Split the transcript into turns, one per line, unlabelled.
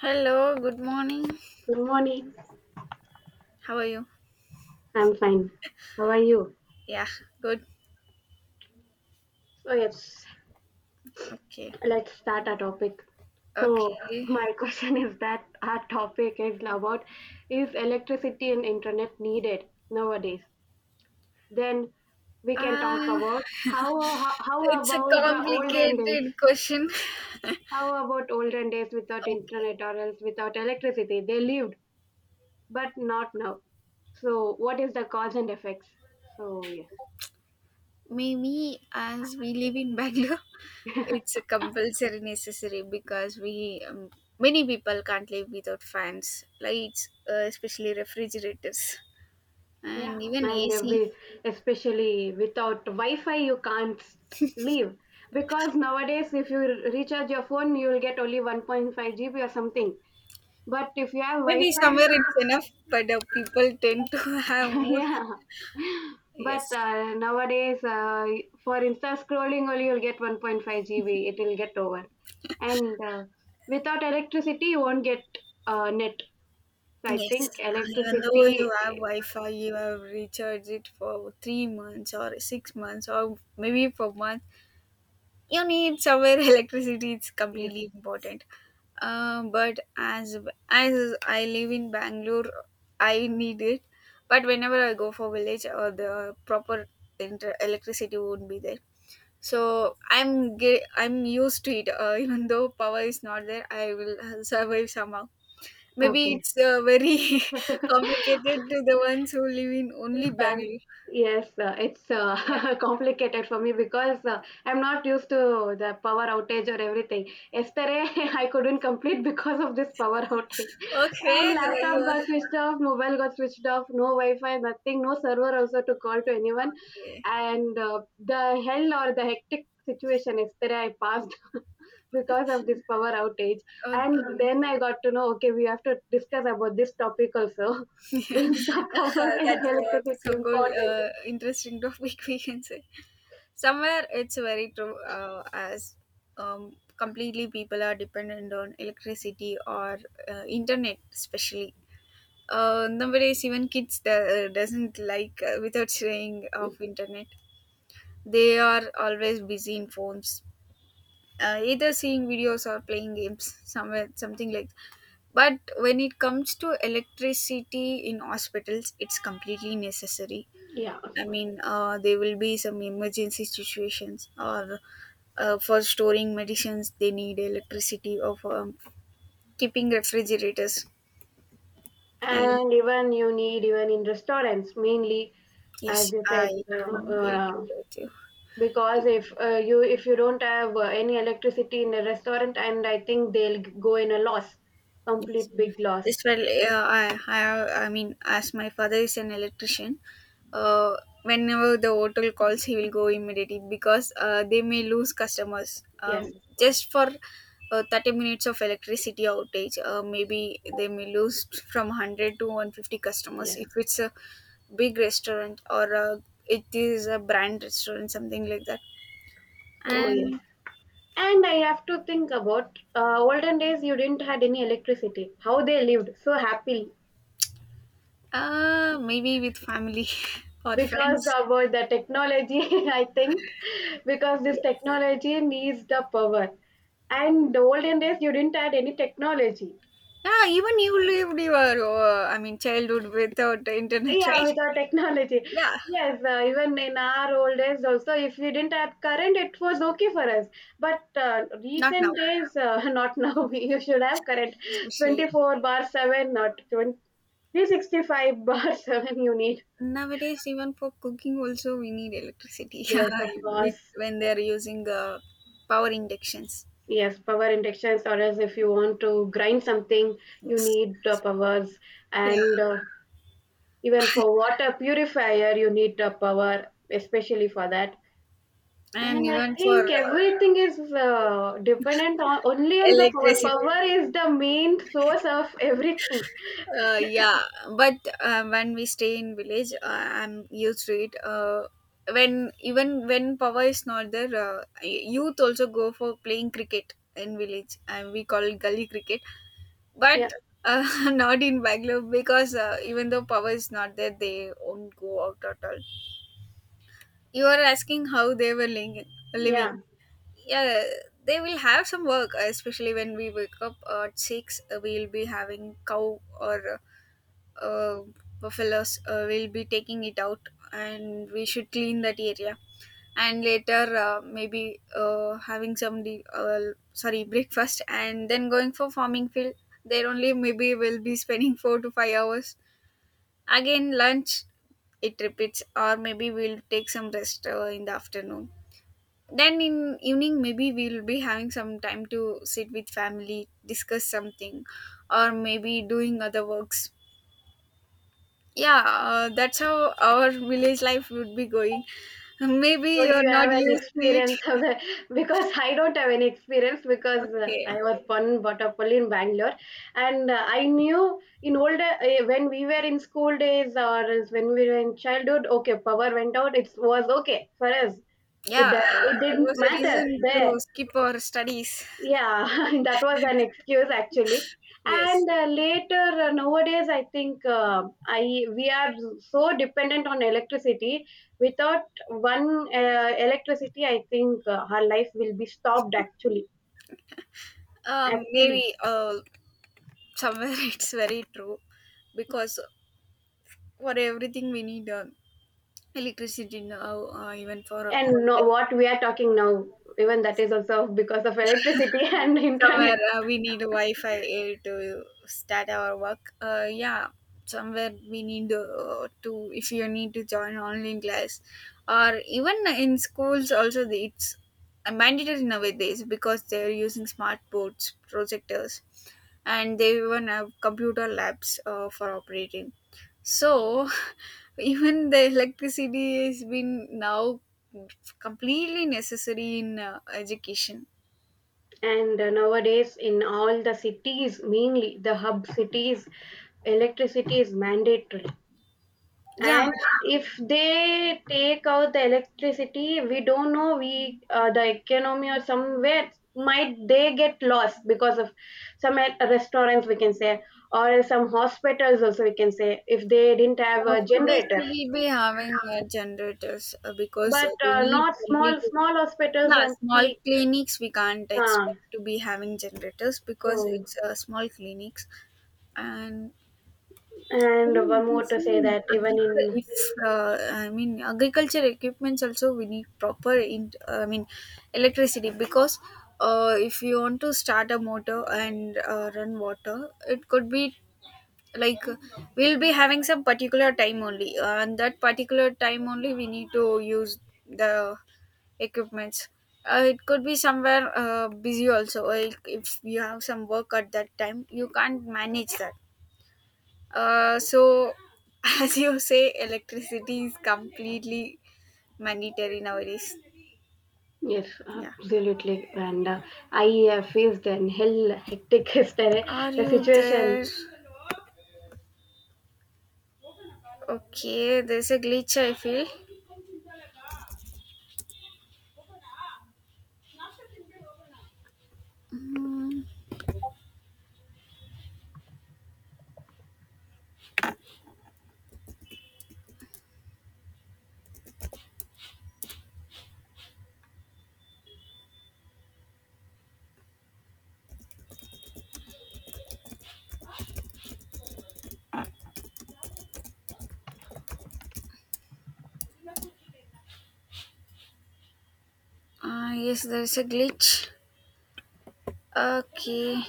Hello, good morning.
Good morning.
How are you?
I'm fine. How are you?
Yeah, good.
So yes,
Okay.
let's start our topic. So
Okay.
my question is that our topic is about is electricity and internet needed nowadays? Then we can
Uh,
talk about how how
it's a
about the olden
complicated
days?
question.
How about olden days without
Okay.
internet or else without electricity? They lived, but not now. So what is the cause and effects? So yes.
Maybe as we live in Bangalore, it's a compulsory necessary because we, many people can't live without fans, lights, especially refrigerators
Yeah,
and even
and
AC.
every especially without Wi-Fi, you can't leave because nowadays, if you recharge your phone, you will get only 1.5 GB or something. But if you have
Maybe
Wi-Fi,
somewhere it's enough, but people tend to have more.
yeah. But
Yes.
nowadays, for Insta scrolling, only you'll get 1.5 GB. It will get over, and without electricity, you won't get net. So I
Yes,
think
even though
electricity
you have Wi-Fi, you have recharged it for 3 months or 6 months or maybe for month. You need somewhere electricity. It's
is
completely important. But as I live in Bangalore, I need it. But whenever I go for village, or the proper electricity won't be there. So I'm used to it. Even though power is not there, I will survive somehow. Maybe
okay.
it's very complicated to the ones who live in only
Bank.
Bangalore.
Yes, it's
Yeah.
complicated for me because I'm not used to the power outage or everything. Yesterday, I couldn't complete because of this power outage.
Okay.
And
You
laptop
are.
got switched off, mobile got switched off, no Wi-Fi, nothing, no server also to call to anyone.
Okay.
And the hell or the hectic situation yesterday I passed because of this power outage. And
Okay.
then I got to know, okay, we have to discuss about this topic also
Yeah.
is the power
Uh,
and
That's uh, so
electricity
good.
important?
Interesting topic we can say. Somewhere it's very true. As completely people are dependent on electricity or internet, especially. Nowadays, even kids doesn't like without saying of internet. They are always busy in phones either seeing videos or playing games somewhere something like that. But when it comes to electricity in hospitals, it's completely necessary.
Yeah,
I mean, there will be some emergency situations or for storing medicines they need electricity or for keeping refrigerators. And
and even you need even in restaurants mainly,
yes,
as you
I
said,
completely agree with
because
you.
if you don't have any electricity in a restaurant, and I think they'll go in a loss,
Yes,
complete big loss.
this well, yeah, I mean, as my father is an electrician, uh, whenever the hotel calls, he will go immediately because they may lose customers
Yes, of course.
just for 30 minutes of electricity outage. Maybe they may lose from 100 to 150 customers
Yes.
if it's a big restaurant or it is a brand restaurant, something like that.
So yes,
And
and I have to think about olden days. You didn't had any electricity. How they lived so happily.
maybe with family or
Because
friends.
about the technology, I think, because this technology needs the power. And the olden days, you didn't had any technology.
Yeah, even you lived your, I mean, childhood without the internet,
Yeah,
right?
without technology.
Yeah,
Yes, even in our old days, also, if we didn't have current, it was okay for us. But
not
recent
now,
days, not now. You should have current
especially.
24 bar 7, not 2365 bar 7, you need.
Nowadays, even for cooking also, we need electricity. Yeah,
Yes, of course.
when they are using power inductions.
Yes, power injections, or as if you want to grind something, you
Yes.
need powers.
Yeah,
And even for water purifier, you need a power, especially for that.
and
And I
even for
think everything is dependent on only on the power.
electricity.
Power is the main source of everything.
Yeah, but when we stay in village, I'm used to it. When even when power is not there, youth also go for playing cricket in village, and we call it gully cricket.
Yeah,
But uh, not in Bangalore because even though power is not there, they won't go out at all. You are asking how they were
yeah.
living. Yeah, they will have some work, especially when we wake up at six. We'll be having cow or uh, buffaloes will be taking it out and we should clean that area and later maybe having some sorry breakfast and then going for farming field. There only maybe we'll be spending 4 to 5 hours, again lunch. It repeats, or maybe we'll take some rest in the afternoon. Then in evening maybe we'll be having some time to sit with family, discuss something, or maybe doing other works. Yeah, that's how our village life would be going. Maybe
So
you're
you
not
have an
used to it.
experience of the because I don't have any experience because I
Okay.
was born brought up only in Bangalore, and I knew in older when we were in school days or as when we were in childhood, okay, power went out, it was okay for us. It
Yeah,
uh, it
it
didn't
was a
matter
reason
there,
to skip our studies.
yeah, that was an excuse actually.
Yes.
And later nowadays, I think I we are so dependent on electricity. Without one electricity, I think our life will be stopped actually.
um
Actually,
maybe uh somewhere it's very true, because for everything we need electricity now, even for
and no,
online.
what we are talking now, even that is also because of electricity and internet.
Somewhere we need Wi-Fi to start our work, yeah. Somewhere we need to, if you need to join online class or even in schools also, it's mandatory nowadays because they're using smart boards, projectors, and they even have computer labs for operating. So even the electricity has been now completely necessary in education.
And nowadays, in all the cities, mainly the hub cities, electricity is mandatory.
Yeah.
And if they take out the electricity, we don't know we the economy or somewhere might they get lost because of some restaurants we can say or some hospitals also we can say if they didn't have a
Hospitals
generator.
will be having generators because
But
they need
not
complete.
small small hospitals
Yeah,
and
small clinics we can't
uh,
expect to be having generators because
so
it's small clinics, and even
and
we
one
can
more to
see
say
in
that even in.
if I mean agriculture equipments also we need proper in I mean electricity because. If you want to start a motor and run water, it could be like, we'll be having some particular time only and that particular time only we need to use the equipments. It could be somewhere busy also, like if you have some work at that time you can't manage that. So as you say, electricity is completely mandatory nowadays.
Yes,
Yeah,
absolutely. And I faced an hell hectic yesterday
are
the
you
situation.
there? Okay, there's a glitch I feel. Mm, yes, there's a glitch. Okay.